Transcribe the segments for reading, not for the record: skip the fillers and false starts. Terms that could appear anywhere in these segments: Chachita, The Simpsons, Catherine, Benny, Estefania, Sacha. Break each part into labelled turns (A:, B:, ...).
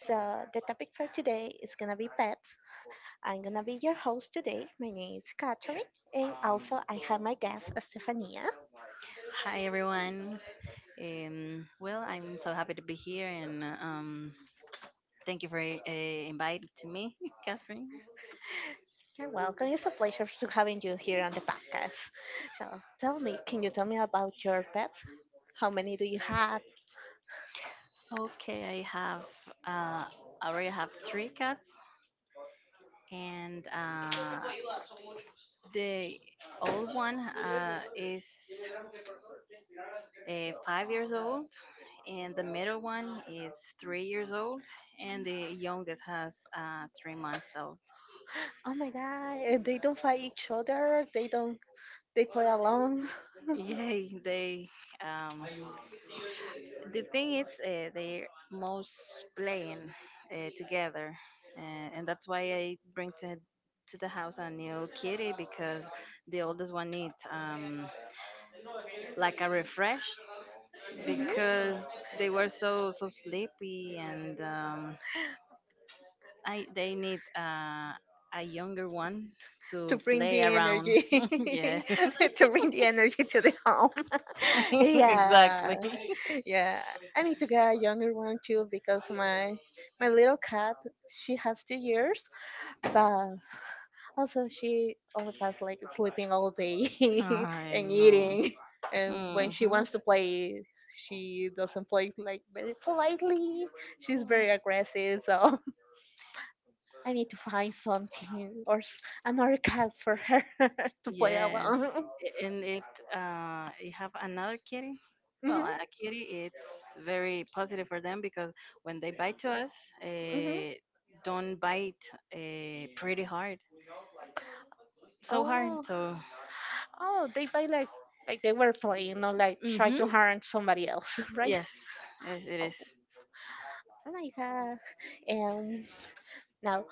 A: So the topic for today is gonna be pets. I'm gonna be your host today. My name is Catherine, and also I have my guest Estefania.
B: Hi everyone. Well, I'm so happy to be here, and thank you for inviting to me, Catherine.
A: You're welcome. It's a pleasure to having you here on the podcast. So tell me, can you tell me about your pets? How many do you have?
B: Okay, uh, I already have three cats, and the old one is 5 years old, and the middle one is 3 years old, and the youngest has 3 months old.
A: Oh my god, and they don't fight each other. They don't. They play alone.
B: Yay! Um, The thing is, they're most playing together, and that's why I bring to the house a new kitty because the oldest one needs like a refresh
A: Mhm.
B: because they were so sleepy and I they need a younger one
A: To
B: to
A: bring
B: play
A: the
B: around. Yeah.
A: energy to bring the energy to the home. Yeah,
B: Exactly.
A: yeah. I need to get a younger one too because my little cat she has 2 years, but also she only has like sleeping all day
B: I
A: and
B: know.
A: eating. And when she
B: Mm-hmm.
A: wants to play, she doesn't play like very politely. She's very aggressive, so I need to find something or another cat for her to play
B: Yes.
A: along.
B: A- and it You have another kitty. Well,
A: Mhm.
B: a kitty, it's very positive for them because when they bite to us,
A: Mhm.
B: uh, don't bite pretty hard.
A: Oh,
B: So,
A: oh, they buy like they were playing, not like try
B: mm-hmm,
A: to harm somebody else, right?
B: yes, yes, it is.
A: Oh my god. Um, Now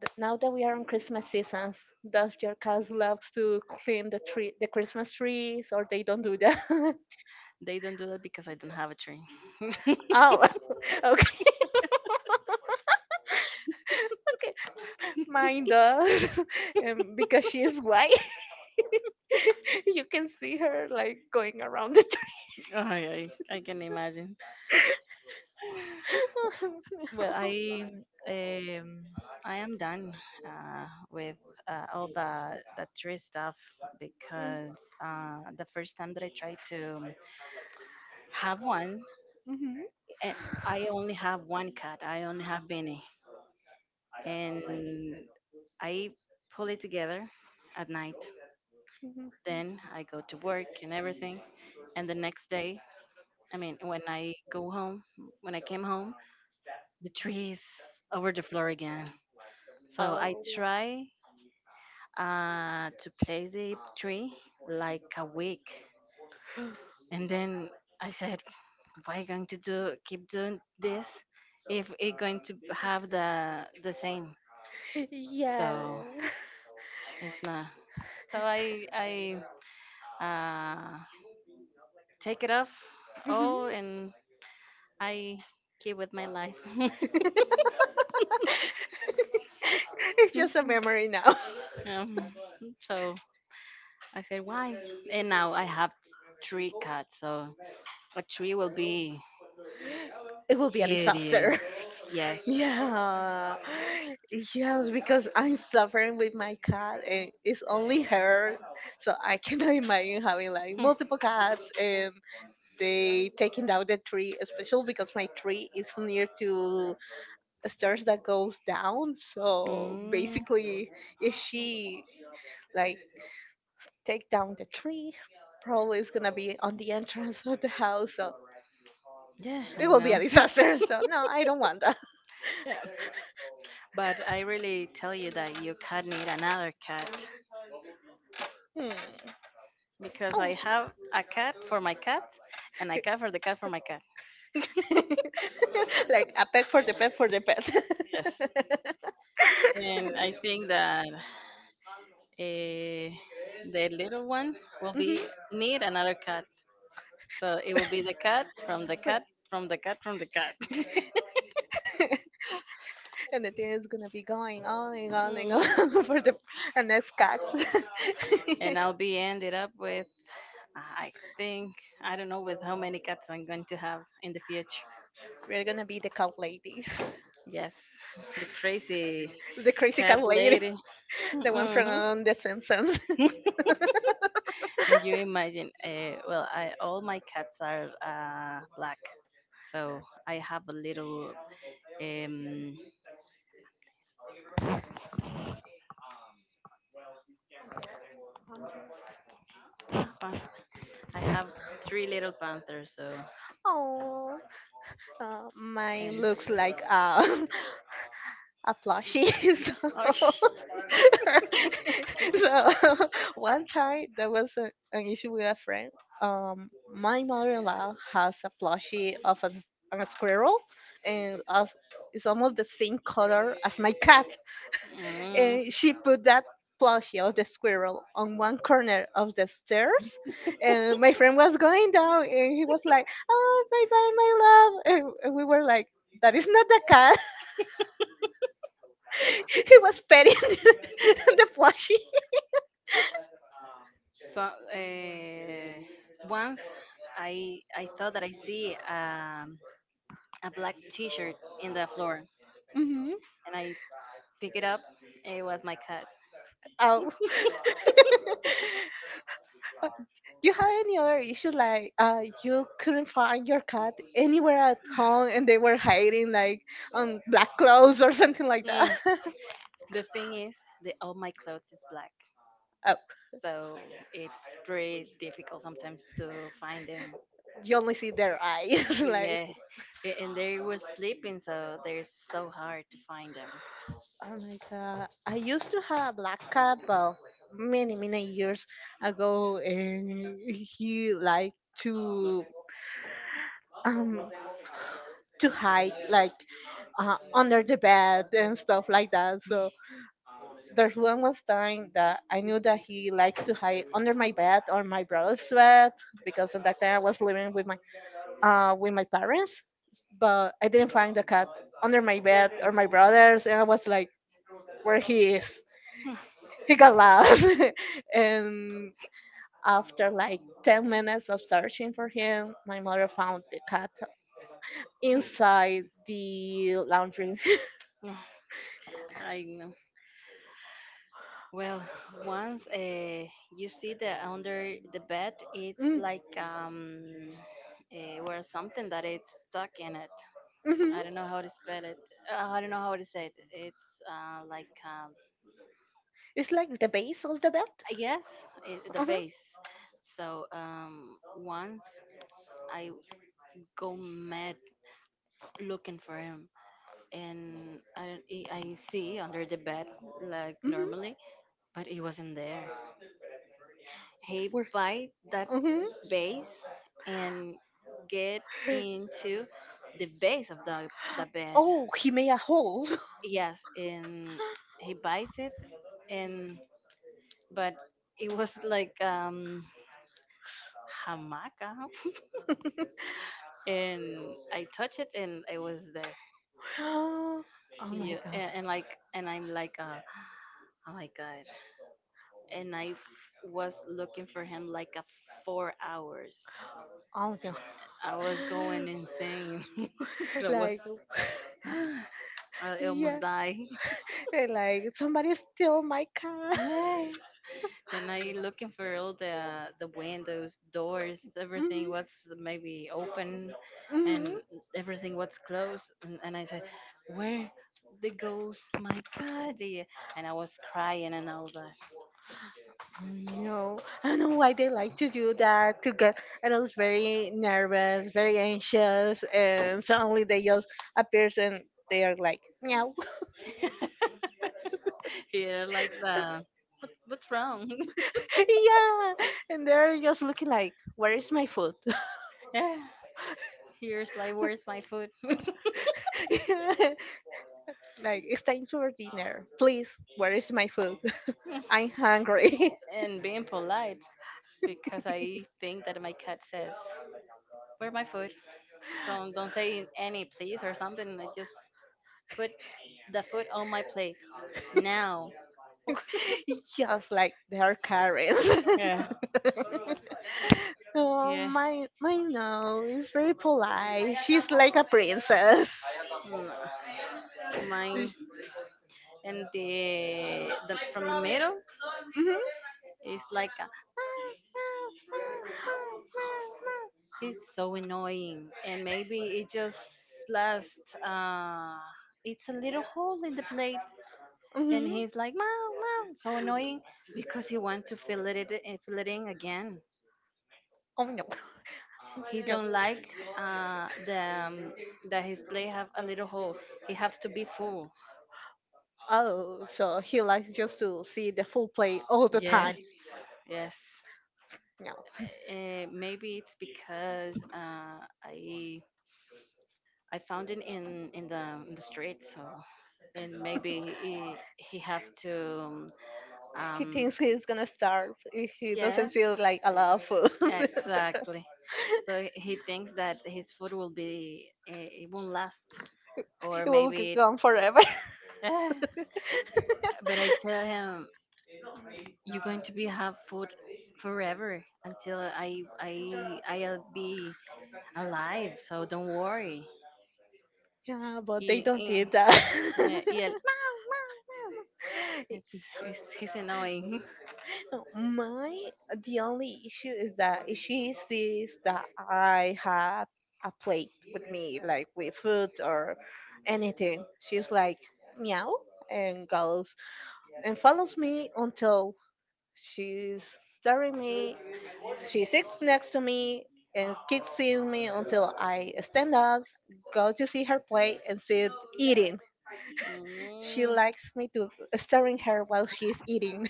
A: now that we are on Christmas seasons, does your cats loves to clean the tree, the Christmas trees, or they don't do that?
B: They don't do that because I don't have a tree.
A: Oh, okay, okay. Mine does, because she is white. You can see her like going around the
B: Ay, ay, I can imagine. Well,
A: no.
B: um, I am done with all the tree stuff because the first time that I tried to have one,
A: Mm. Mhm.
B: and I only have one cat. I only have Benny, and I pull it together at night.
A: Mhm.
B: Then I go to work and everything, and the next day, I mean, when I came home, the tree is over the floor again. So
A: Oh,
B: I try to place the tree like a week. And then I said, why going to do keep doing this if it going to have the same? So
A: yeah.
B: it's not. So I uh, take it off.
A: Mhm.
B: Oh, and I keep with my life.
A: It's just a memory now.
B: um, so I said, why? And now I have three cats, so a tree will be
A: It will be a
B: hideous.
A: disaster.
B: Yes.
A: Yeah. Yes, because I'm suffering with my cat and it's only her. So I cannot imagine having like multiple cats and they taking down the tree, especially because my tree is near to stairs that goes down. So
B: Hmm. Mm,
A: basically if she like take down the tree, probably it's gonna be on the entrance of the house. So
B: yeah, I
A: it will be a
B: know.
A: disaster. So no, I don't want.
B: Yeah. But I really tell you that you cat need another cat
A: Hmm.
B: because
A: Oh.
B: I have a cat for my cat and a cat for the cat for my cat.
A: Like a pet for the pet for the pet.
B: Yes. And I think that uh, the little one will
A: Mhm.
B: be need another cat. So it will be the cat from the cat from the cat from the cat.
A: And the thing is gonna be going on and on and on
B: Mhm.
A: for the and next cats.
B: And I'll be ended up with, I think, I don't know with how many cats I'm going to have in the future.
A: We're gonna be the cat ladies,
B: Yes, the crazy
A: the crazy cat
B: cat
A: lady,
B: lady.
A: the one from
B: Hmm.
A: The Simpsons.
B: And you imagine, well, I, all my cats are black. So um, Pan- I have three little panthers.
A: Oh, mine
B: And
A: looks like a a plushie. So,
B: oh, sh-
A: so one time there was a, an issue with a friend. My mother-in-law has a plushie of a, a squirrel, and as, it's almost the same color as my cat.
B: mm,
A: And she put that plushie of the squirrel on one corner of the stairs and my friend was going down and he was like, oh, bye bye my love, and we were like that is not the cat. He was petting the plushie.
B: so, once I thought that I see a black T-shirt in the floor,
A: Hmm.
B: and I pick it up. It was my cat.
A: Oh. Uh, you have any other issue like you couldn't find your cat anywhere at home and they were hiding like black clothes or something like that?
B: The thing is, all my clothes is black,
A: Oh,
B: so it's pretty difficult sometimes to find them.
A: you only see their eyes like
B: Yeah, and they were sleeping, so they're so hard to find them.
A: oh my god. I used to have a black cat but many, many years ago and he liked um to hide like under the bed and stuff like that. So there's one was time that I knew that he likes to hide under my bed or my brother's bed because at that time I was living with my parents, but I didn't find the cat under my bed or my brother's, and I was like, where he is. He got lost. And after like 10 minutes of searching for him, my mother found the cat inside the laundry.
B: Hmm. Yeah, I know. Well, once you see the under the bed, it's
A: Mm.
B: like where something that it's stuck in it. I don't
A: Hmm.
B: know how to spell it. I don't know how to say it. It's like
A: It's like the base of the bed.
B: yes, the
A: Hmm.
B: base. So once I go mad looking for him, and I don't, he- I see under the bed like
A: Hmm.
B: normally, but he wasn't there. He
A: Where?
B: bite that
A: Hmm.
B: base and get into the base of the bed.
A: Oh, he made a hole.
B: Yes, and he bites it and but it was like hamaca, and I touch it and I was there.
A: Oh my
B: Yeah,
A: god.
B: and like and I'm like oh my god. And I was looking for him like a 4 hours.
A: Oh my god.
B: I was going insane. I was
A: Like,
B: I
A: yeah.
B: almost died.
A: And, like, somebody steal my car.
B: And I looking for all the windows, doors, everything
A: Mhm.
B: was maybe open
A: Hmm.
B: and everything was closed. And I said, "Where they goes my body?" And I was crying and all that.
A: I know. I don't know why they like to do that to get adults very nervous, very anxious, and suddenly they just appears and they are like meow,
B: Here, like the what's wrong?
A: yeah, and they're just looking like, where is my food?
B: Yeah, here's like where's my food?
A: Like it's time for dinner, please. Where is my food? I'm hungry.
B: And being polite because I think that my cat says, where my food? So don't say any please or something. I just put the food on my plate now.
A: Just like their parents.
B: Yeah,
A: Oh,
B: yeah.
A: my no is very polite. She's like a princess.
B: Mm, Mine and the from the middle
A: Mhm,
B: is like a. It's so annoying, and maybe it just lasts. It's a little hole in the plate, and
A: mhm.
B: he's like "Meow, meow," so annoying because he wants to feel feel again.
A: Oh no.
B: He
A: No.
B: don't like the that his play have a little hole. He has to be full.
A: Oh, so he likes just to see the full play all the time.
B: Yes, yes.
A: No.
B: Maybe it's because I found it in in the street. So, and maybe he have to um
A: He
B: um,
A: thinks he's gonna starve if he doesn't
B: yes.
A: see like a lot of food.
B: Exactly. So he thinks that his food will be, it won't last, or
A: It will go
B: maybe.
A: on forever.
B: it- but I tell him, you're going to be have food forever until I'll be alive. So don't worry.
A: Yeah, but they
B: Y-
A: don't eat
B: y-
A: that.
B: yeah, yeah, meow, meow, meow.
A: Yeah.
B: It's He's annoying.
A: No, my the only issue is that if she sees that I have a plate with me, like with food or anything, she's like meow and goes and follows me until she's staring me. She sits next to me and keeps seeing me until I stand up, go to see her plate, and sit eating. She
B: Mm,
A: likes me to staring her while she's eating.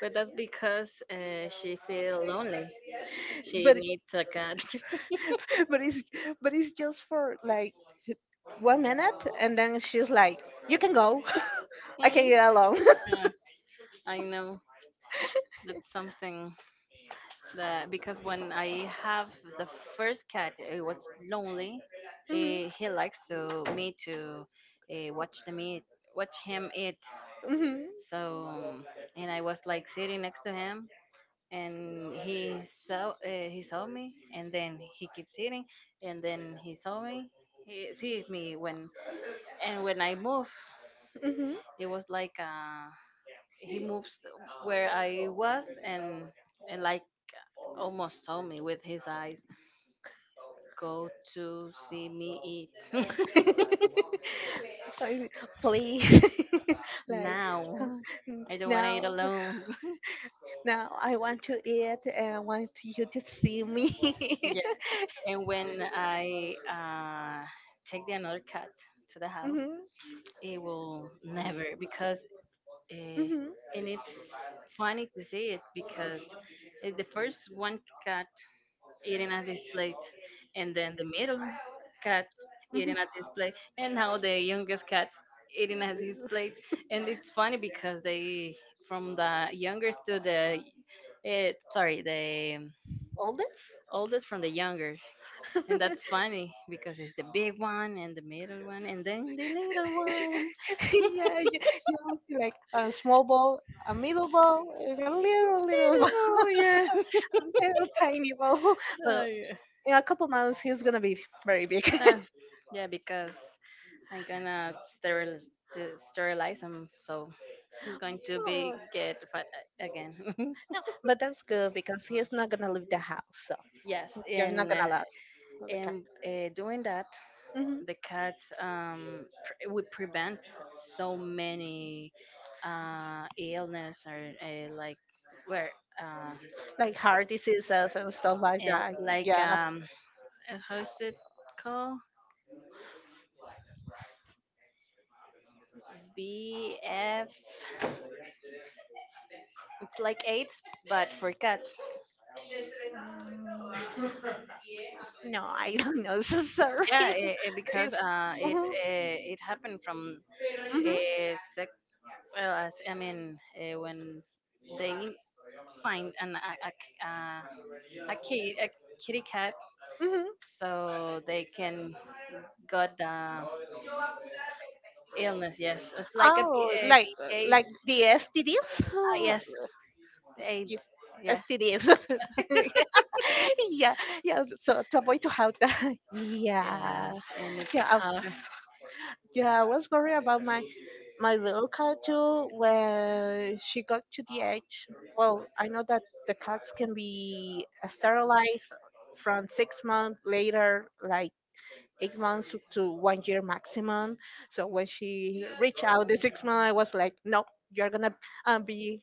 B: but that's because she feel lonely. She
A: But
B: needs a cat.
A: but it's but it's just for like 1 minute, and then she's like, "You can go. I can get alone."
B: Yeah, I know. That's something that because when I have the first cat, it was lonely.
A: Mhm,
B: He likes to me to watch the meat, watch him eat.
A: mhm,
B: So, and I was like sitting next to him, and he saw me, and then he keeps eating, and then he saw me. He sees me when I move,
A: mhm.
B: it was like he moves where I was and like almost told me with his eyes, go to see me eat.
A: Like, please, like
B: Now I don't want to
A: now,
B: eat alone.
A: now I want to eat and I want you to see me.
B: Yeah. And when I take the another cat to the house,
A: Mhm,
B: it will never because uh,
A: mhm,
B: and it's funny to see it because it's the first one cat eating at this plate, and then the middle cat
A: mhm.
B: eating at this plate, and now the youngest cat eating at his plate. And it's funny because they, from the youngest to the, sorry, the
A: Oldest?
B: oldest from the younger. And that's funny because it's the big one and the middle one and then the little one.
A: Yeah, you have like a small ball, a middle ball, and a little, little
B: Little one, yeah.
A: I'm kind of tiny, ball,
B: Oh,
A: but
B: yeah.
A: in a couple months he's gonna be very big.
B: Ah, yeah, because I'm gonna sterilize him, so he's going to be
A: Oh,
B: get fat again.
A: no, but that's good because he's not gonna leave the house, so
B: Yes,
A: you're not
B: and uh,
A: gonna lose the.
B: and uh, doing that
A: Hmm.
B: the cats would prevent so many illness or like where uh,
A: Like heart diseases and stuff like
B: and
A: that.
B: like
A: Yeah.
B: how's it called BF? It's like AIDS, but for cats.
A: No, I don't know. So sorry.
B: Yeah, because
A: It's, hmm
B: it happened from
A: hmm
B: a sex. Well, as I mean, when they find an a, a, kid, a kitty cat
A: hmm
B: so they can got the illness. Yes, it's like a, B-
A: oh,
B: a BA. Ah,
A: like the STDs? Oh,
B: yes, AIDS.
A: you-
B: Yeah,
A: STDs. Yeah, yeah. So to avoid to have that,
B: yeah,
A: yeah,
B: and it's
A: yeah, I,
B: hard.
A: yeah. I was worried about my my little cat too when she got to the age. Well, I know that the cats can be sterilized from 6 months later, like 8 months to 1 year maximum. So when she reached out the 6 months, I was like, no, you're gonna be.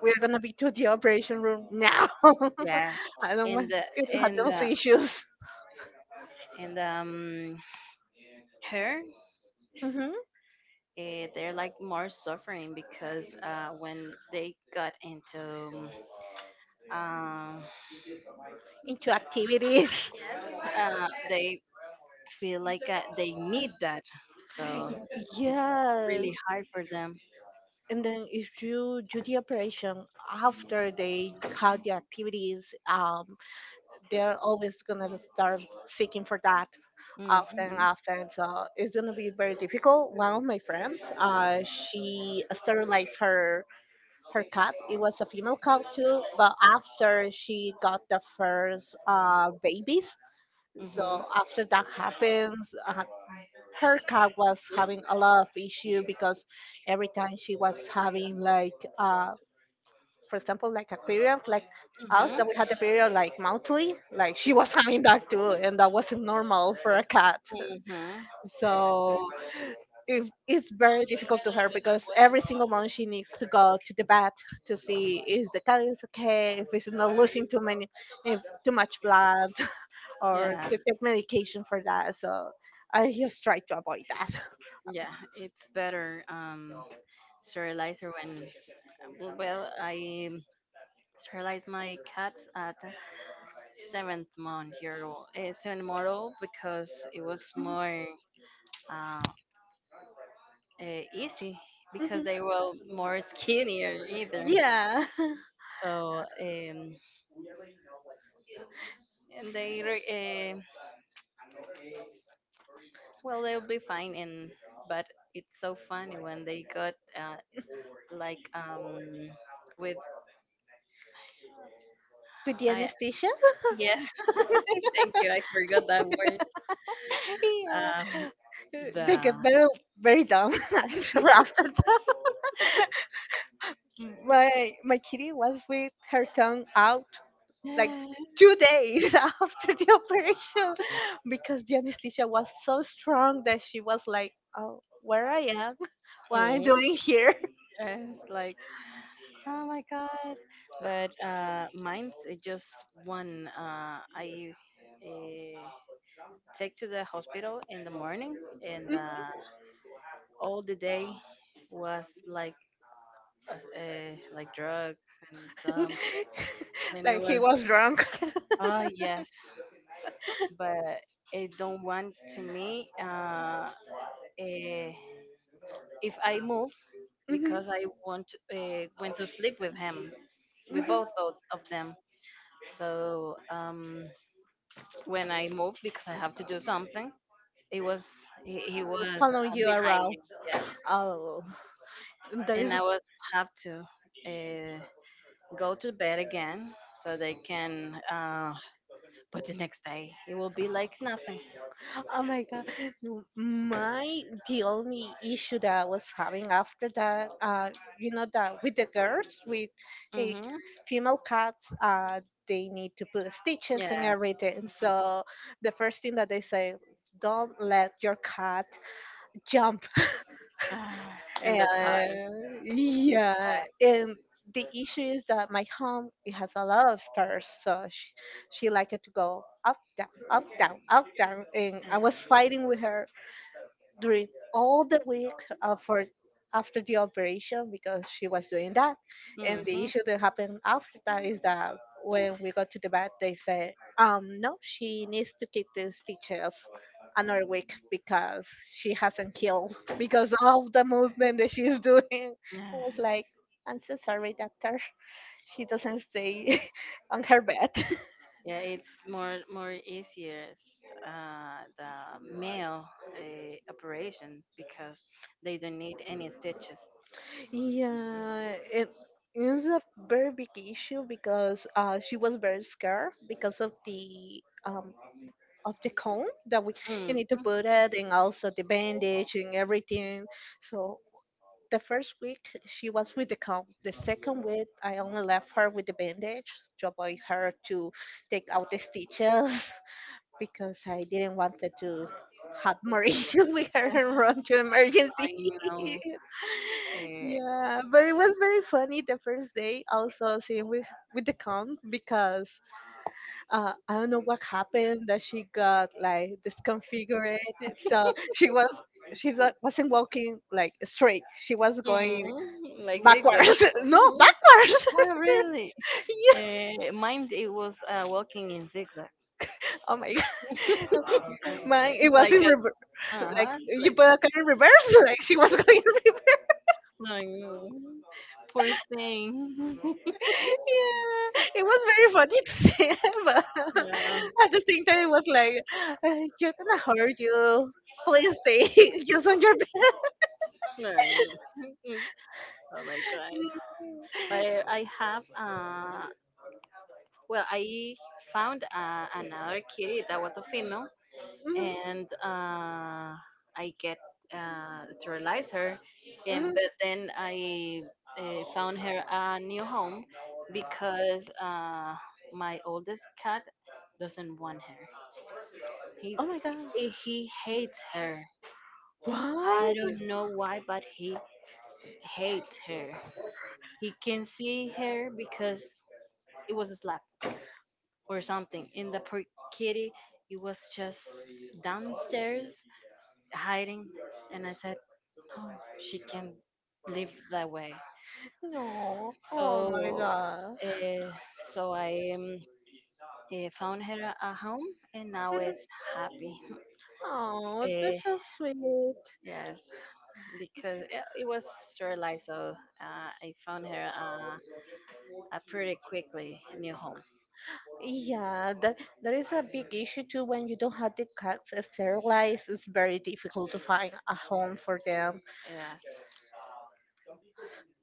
A: We're gonna be to the operation room now.
B: Yes,
A: I don't want
B: and the
A: you to have
B: and
A: those
B: the
A: issues.
B: and her.
A: Hmm.
B: They're like more suffering because when they got into um,
A: Into activities.
B: they feel like they need that. So it's
A: Yes,
B: really hard for them.
A: and then if you do the operation after they have the activities, they're always gonna start seeking for that often,
B: Mhm.
A: often. So it's gonna be very difficult. One of my friends, she sterilized her her cat. It was a female cat too, but after she got the first babies, so
B: Mhm.
A: after that happens, her cat was having a lot of issue because every time she was having like, for example, like a period, like us that we
B: Mhm.
A: had the period like monthly, like she was having that too, and that wasn't normal for a cat.
B: Mhm.
A: So it, it's very difficult to her because every single month she needs to go to the vet to see if the cat is okay, if it's not losing too many, if too much blood, or to
B: Yeah.
A: take medication for that. So I just try to avoid that.
B: Yeah. It's better sterilizer when well I sterilized my cats at seventh month old because it was more uh, easy because
A: Mhm.
B: they were more skinnier either.
A: Yeah.
B: So, and they re- uh, well they'll be fine. And but it's so funny when they got like with
A: With the
B: I,
A: anesthesia?
B: yes. Thank you, I forgot that word.
A: Yeah.
B: Um
A: They
B: the
A: get very, very dumb actually after that. My kitty was with her tongue out like 2 days after the operation because the anesthesia was so strong that she was like oh where I am what I'm
B: Mm,
A: doing here.
B: yes, like oh my god. But mine's just one. I uh, take to the hospital in the morning, and all the day was like drug and um, and it
A: Like he
B: was,
A: was drunk.
B: yes, but it don't want to me. Eh, if I move
A: Hmm.
B: because I want went to sleep with him, with both of
A: Hmm.
B: of them. So, when I moved because I have to do something. It was he was
A: Following you
B: behind
A: around.
B: me, yes,
A: Oh, there
B: and
A: is.
B: I was have to uh, go to bed again so they can. But the next day it will be like nothing.
A: Oh my god. No, my the only issue that I was having after that, you know that with the girls with a
B: Mm-hmm.
A: female cats, they need to put stitches and
B: Yes.
A: everything. So the first thing that they say, don't let your cat jump.
B: Ah, and that's hard.
A: And
B: It's
A: yeah, and the issue is that my home it has a lot of stairs, so she liked it to go up down up down up down, and I
B: hard.
A: was fighting with her during all the week for after the operation because she was doing that. And the
B: Mm-hmm.
A: issue that happened after that is that when we got to the vet, they said, no, she needs to keep the stitches another week because she hasn't healed because of the movement that she's doing. I
B: Yeah,
A: was like, I'm so sorry, doctor. She doesn't stay on her bed.
B: yeah, it's more easier the male operation because they don't need any stitches.
A: Yeah, it is a very big issue because she was very scared because of the cone that we.
B: Mm.
A: You need to put it and also the bandage and everything. So the first week she was with the cone. The second week I only left her with the bandage to avoid her to take out the stitches because I didn't want her to have more issues with her and run to emergency.
B: I know. Uh,
A: Yeah, but it was very funny the first day also seeing with the count because I don't know what happened that she got like disconfigured, so she was she wa- wasn't walking like straight. She was going
B: Like zigzag.
A: backwards. No, backwards.
B: Oh, really,
A: Yeah.
B: mine it was walking in zigzag.
A: Oh my god. Mine it
B: It's
A: was
B: like
A: in
B: a,
A: rever-
B: uh
A: Like
B: huh,
A: you
B: like,
A: put a kind of reverse. Like she was going in reverse.
B: I know, poor thing.
A: Yeah, it was very funny to see, but
B: Yeah,
A: at the same time, it was like, you're gonna hurt you. Please stay just on your bed."
B: I know. Oh my god! But I have well, I found another kitty that was a female,
A: Mm.
B: and I get sterilized her,
A: Mhm,
B: and
A: mhm.
B: but then I found her a new home because my oldest cat doesn't want her. He
A: Oh my god.
B: he hates her.
A: Why?
B: I don't know why, but he hates her. He can see her because it was a slap or something in the poor kitty. He was just downstairs hiding. And I said, no, she can't live that way.
A: No. Oh my
B: So,
A: god.
B: uh, so I found her a home and now it's happy.
A: Oh,
B: Uh,
A: that's so sweet.
B: yes, because it was sterilized, so I found her a pretty quickly new home.
A: Yeah, that is a big issue too. When you don't have the cats sterilized, it's very difficult to find a home for them.
B: Yes.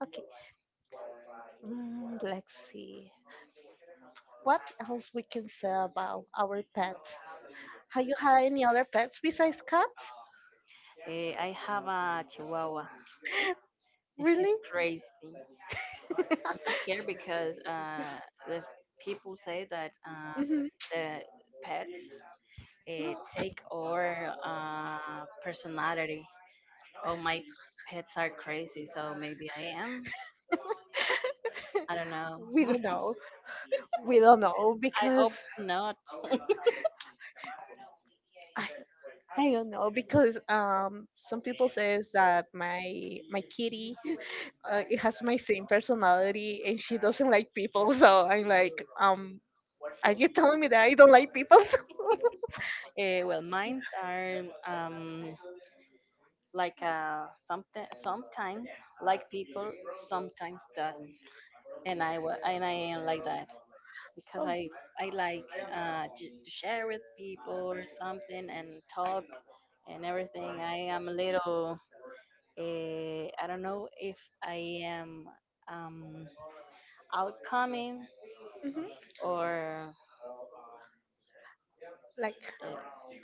A: Okay, mm, let's see what else we can say about our pets. Have you had any other pets besides cats?
B: I have a chihuahua and she's
A: Really?
B: crazy. I'm so scared because the people say that
A: Hmm.
B: the pets take our personality. Oh, my pets are crazy, so maybe I am. I don't know.
A: We don't know. We don't know
B: I
A: because
B: hope not.
A: I, I don't know because some people says that my kitty it has my same personality and she doesn't like people, so I'm like, are you telling me that I don't like people?
B: Well, mines are like something sometimes like people, sometimes doesn't, and I am like that because
A: Oh,
B: I like to share with people or something and talk and everything. I am a little I don't know if I am um, outcoming
A: mhm.
B: or
A: Like,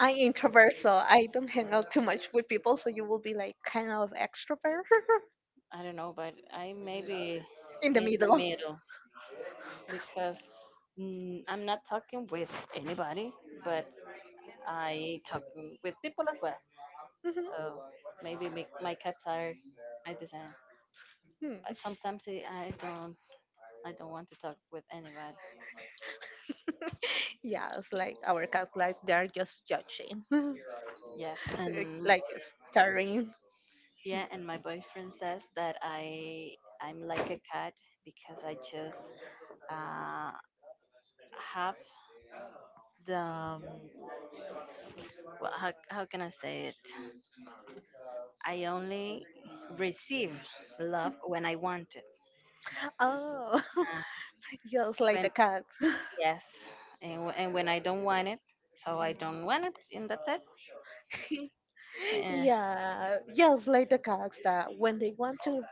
A: I'm introvert, so I don't hang out too much with people, so you will be like kind of extrovert.
B: I don't know, but I maybe
A: In the
B: in the
A: middle.
B: middle because I'm not talking with anybody, but I talk with people as well.
A: Mhm.
B: So maybe my cats are my design,
A: Hmm.
B: but sometimes I don't want to talk with anybody.
A: Yeah, it's like our cats, like they're just judging,
B: Mm. Yes, and
A: like staring.
B: yeah, and my boyfriend says that I'm like a cat because I just uh, have the well, how can I say it? I only receive love when I want it.
A: Oh,
B: Uh,
A: just like the
B: when
A: cats.
B: yes, and when I don't want it, so I don't want it, and that's it. Eh,
A: Yeah, just like the cats that when they want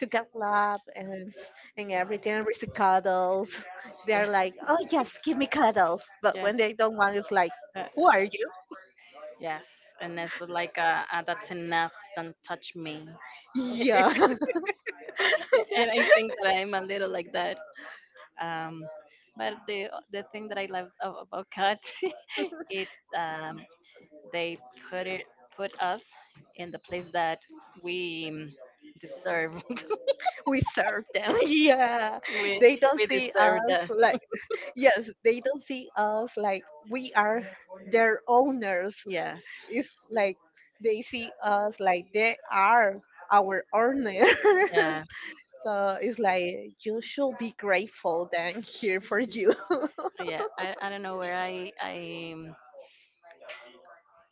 A: to get love and everything, receive cuddles.
B: yeah,
A: They're like, oh yes, give me cuddles. But
B: yeah,
A: when they don't want, it's like,
B: uh,
A: who are you?
B: yes, and it's like that's enough. Don't touch me.
A: Yeah,
B: And I think that I'm a little like that. Um, but the thing that I love about cats, it's um, they put it put us in the place that we deserve
A: we serve them. Yeah,
B: we
A: they don't
B: we
A: see
B: deserve
A: us
B: that.
A: like, yes, they don't see us like we are their owners,
B: Yes,
A: it's like they see us like they are our owners.
B: yes,
A: So it's like, you should be grateful that I'm here for you.
B: yeah. I don't know where I I um,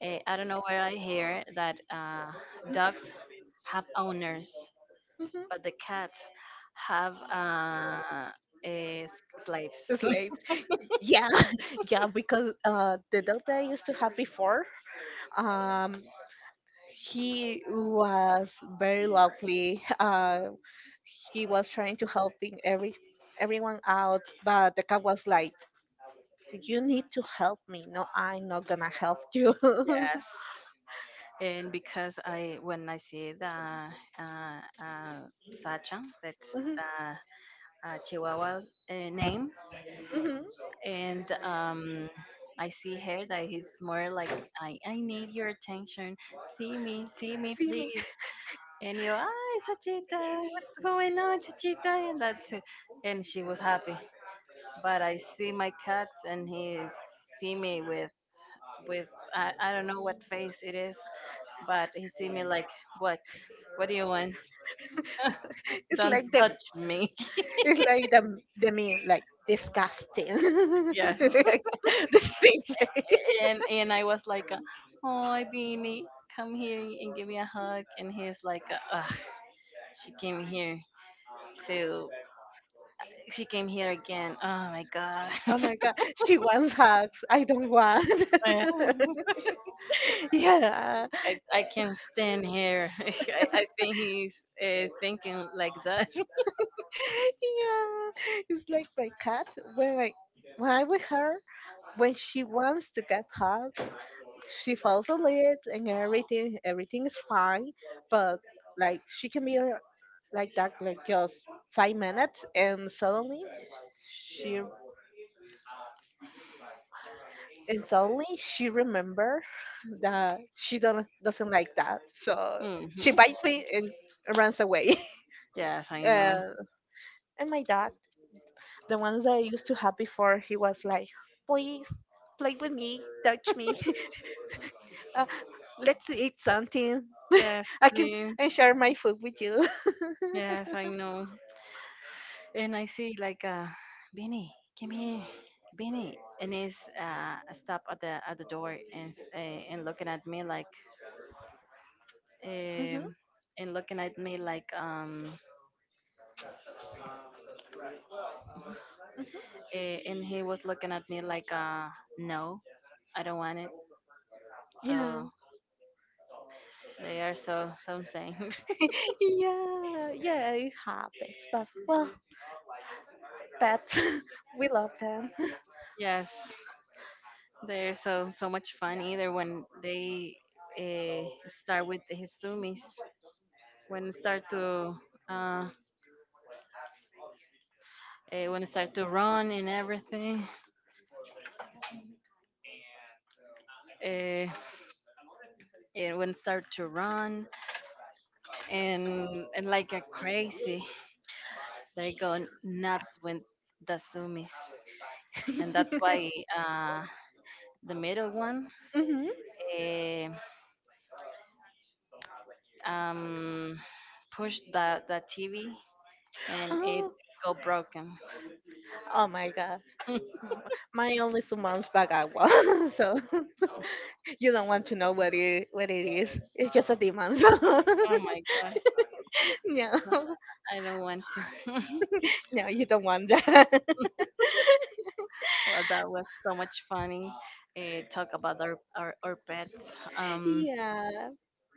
B: eh, I don't know where I hear that dogs have owners, but the cats have eh, s- slaves.
A: It's like, yeah. Yeah, because the dog that I used to have before, um he was very lovely, he was trying to help in every everyone out, but the cat was like, "You need to help me." No, I'm not gonna help you.
B: Yes. And because I, when I see the Sacha, that's
A: Mhm,
B: the Chihuahua name,
A: mhm.
B: and I see her that he's more like, I need your attention. See me,
A: See me.
B: please. And you, ah, Chachita, what's going on, Chachita? And that's it. And she was happy. But I see my cats, and he see me with I don't know what face it is, but he see me like, what, what do you want?
A: It's
B: Don't
A: like the,
B: touch me.
A: it's like the meme, like disgusting.
B: Yes.
A: The same face.
B: And I was like, "Oh, Beanie, come here and give me a hug." And he's like, "Ugh, she came here to, she came here again. Oh my god,
A: Oh my god. She wants hugs. I don't want.
B: I
A: Yeah.
B: I can't stand here. I think he's thinking like that."
A: Yeah, it's like my cat. When I when I'm with her, when she wants to get hugged, she falls asleep and everything is fine. But like she can be like that like just 5 minutes and suddenly she, and suddenly she remember that she don't doesn't like that, so she
B: Hmm.
A: bites me and runs away.
B: Yes, I know.
A: uh, and my dad, the ones that I used to have before, he was like, please play with me, touch me, uh, let's eat something.
B: Yes,
A: I can
B: please.
A: and share my food with you.
B: Yes, I know. And I see like Benny, come here, Benny, and he's stop at the door and looking at me like
A: Hmm.
B: um and looking at me like eh, and he was looking at me like no, I don't want it.
A: Yeah,
B: So they are so so insane.
A: yeah, yeah, it happens. But well, but we love them.
B: Yes, they're so so much fun either when they uh, start with the Hizumis, when start to uh, uh, when start to run and everything. uh, it would start to run and like a crazy they go nuts with the sumis, and that's why uh, the middle one eh, um, pushed the tv and it
A: Hmm.
B: go broken.
A: Oh my god. M- Mine only 2 months back I was so you don't want to know what it is. It's just a demon. So
B: Oh my god,
A: no,
B: I don't want to.
A: no, you don't want that.
B: Well, that was so much funny talk about our pets,
A: Yeah,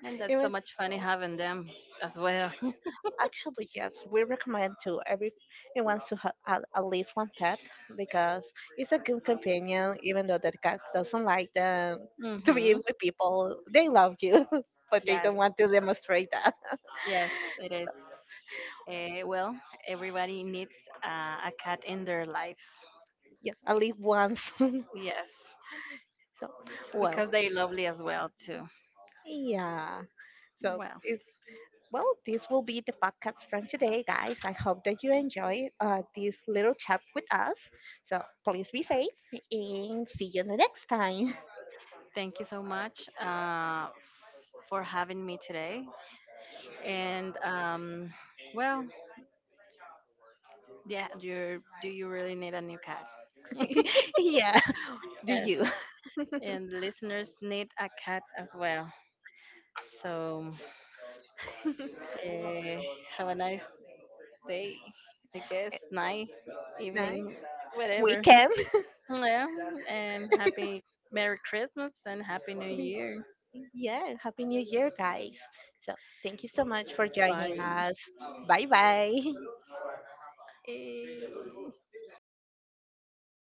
B: and
A: it
B: that's so
A: was
B: much funny having them as well.
A: actually yes. We recommend to everyone to have at least one pet, because it's a good companion. Even though the cat doesn't like them to be
B: Hmm.
A: with people, they love you, but they
B: Yes,
A: don't want to demonstrate.
B: yes, it is. Well, everybody needs a cat in their lives.
A: Yes, I live once.
B: Yes,
A: So, well,
B: because they're lovely as well too.
A: yeah. So
B: Well,
A: it's, well, this will be the podcast from today, guys. I hope that you enjoy this little chat with us. So please be safe and see you the next time.
B: thank you so much for having me today. And well, yeah, you really need a new cat?
A: Yeah. Do
B: Yes,
A: you?
B: and listeners need a cat as well. So uh, have a nice day, I guess, night,
A: No?
B: evening, whatever.
A: Weekend.
B: Yeah, and happy Merry Christmas and Happy New Year.
A: Yeah. Happy New Year, guys. So thank you so much for joining
B: Bye.
A: us. Bye bye.
B: Eh.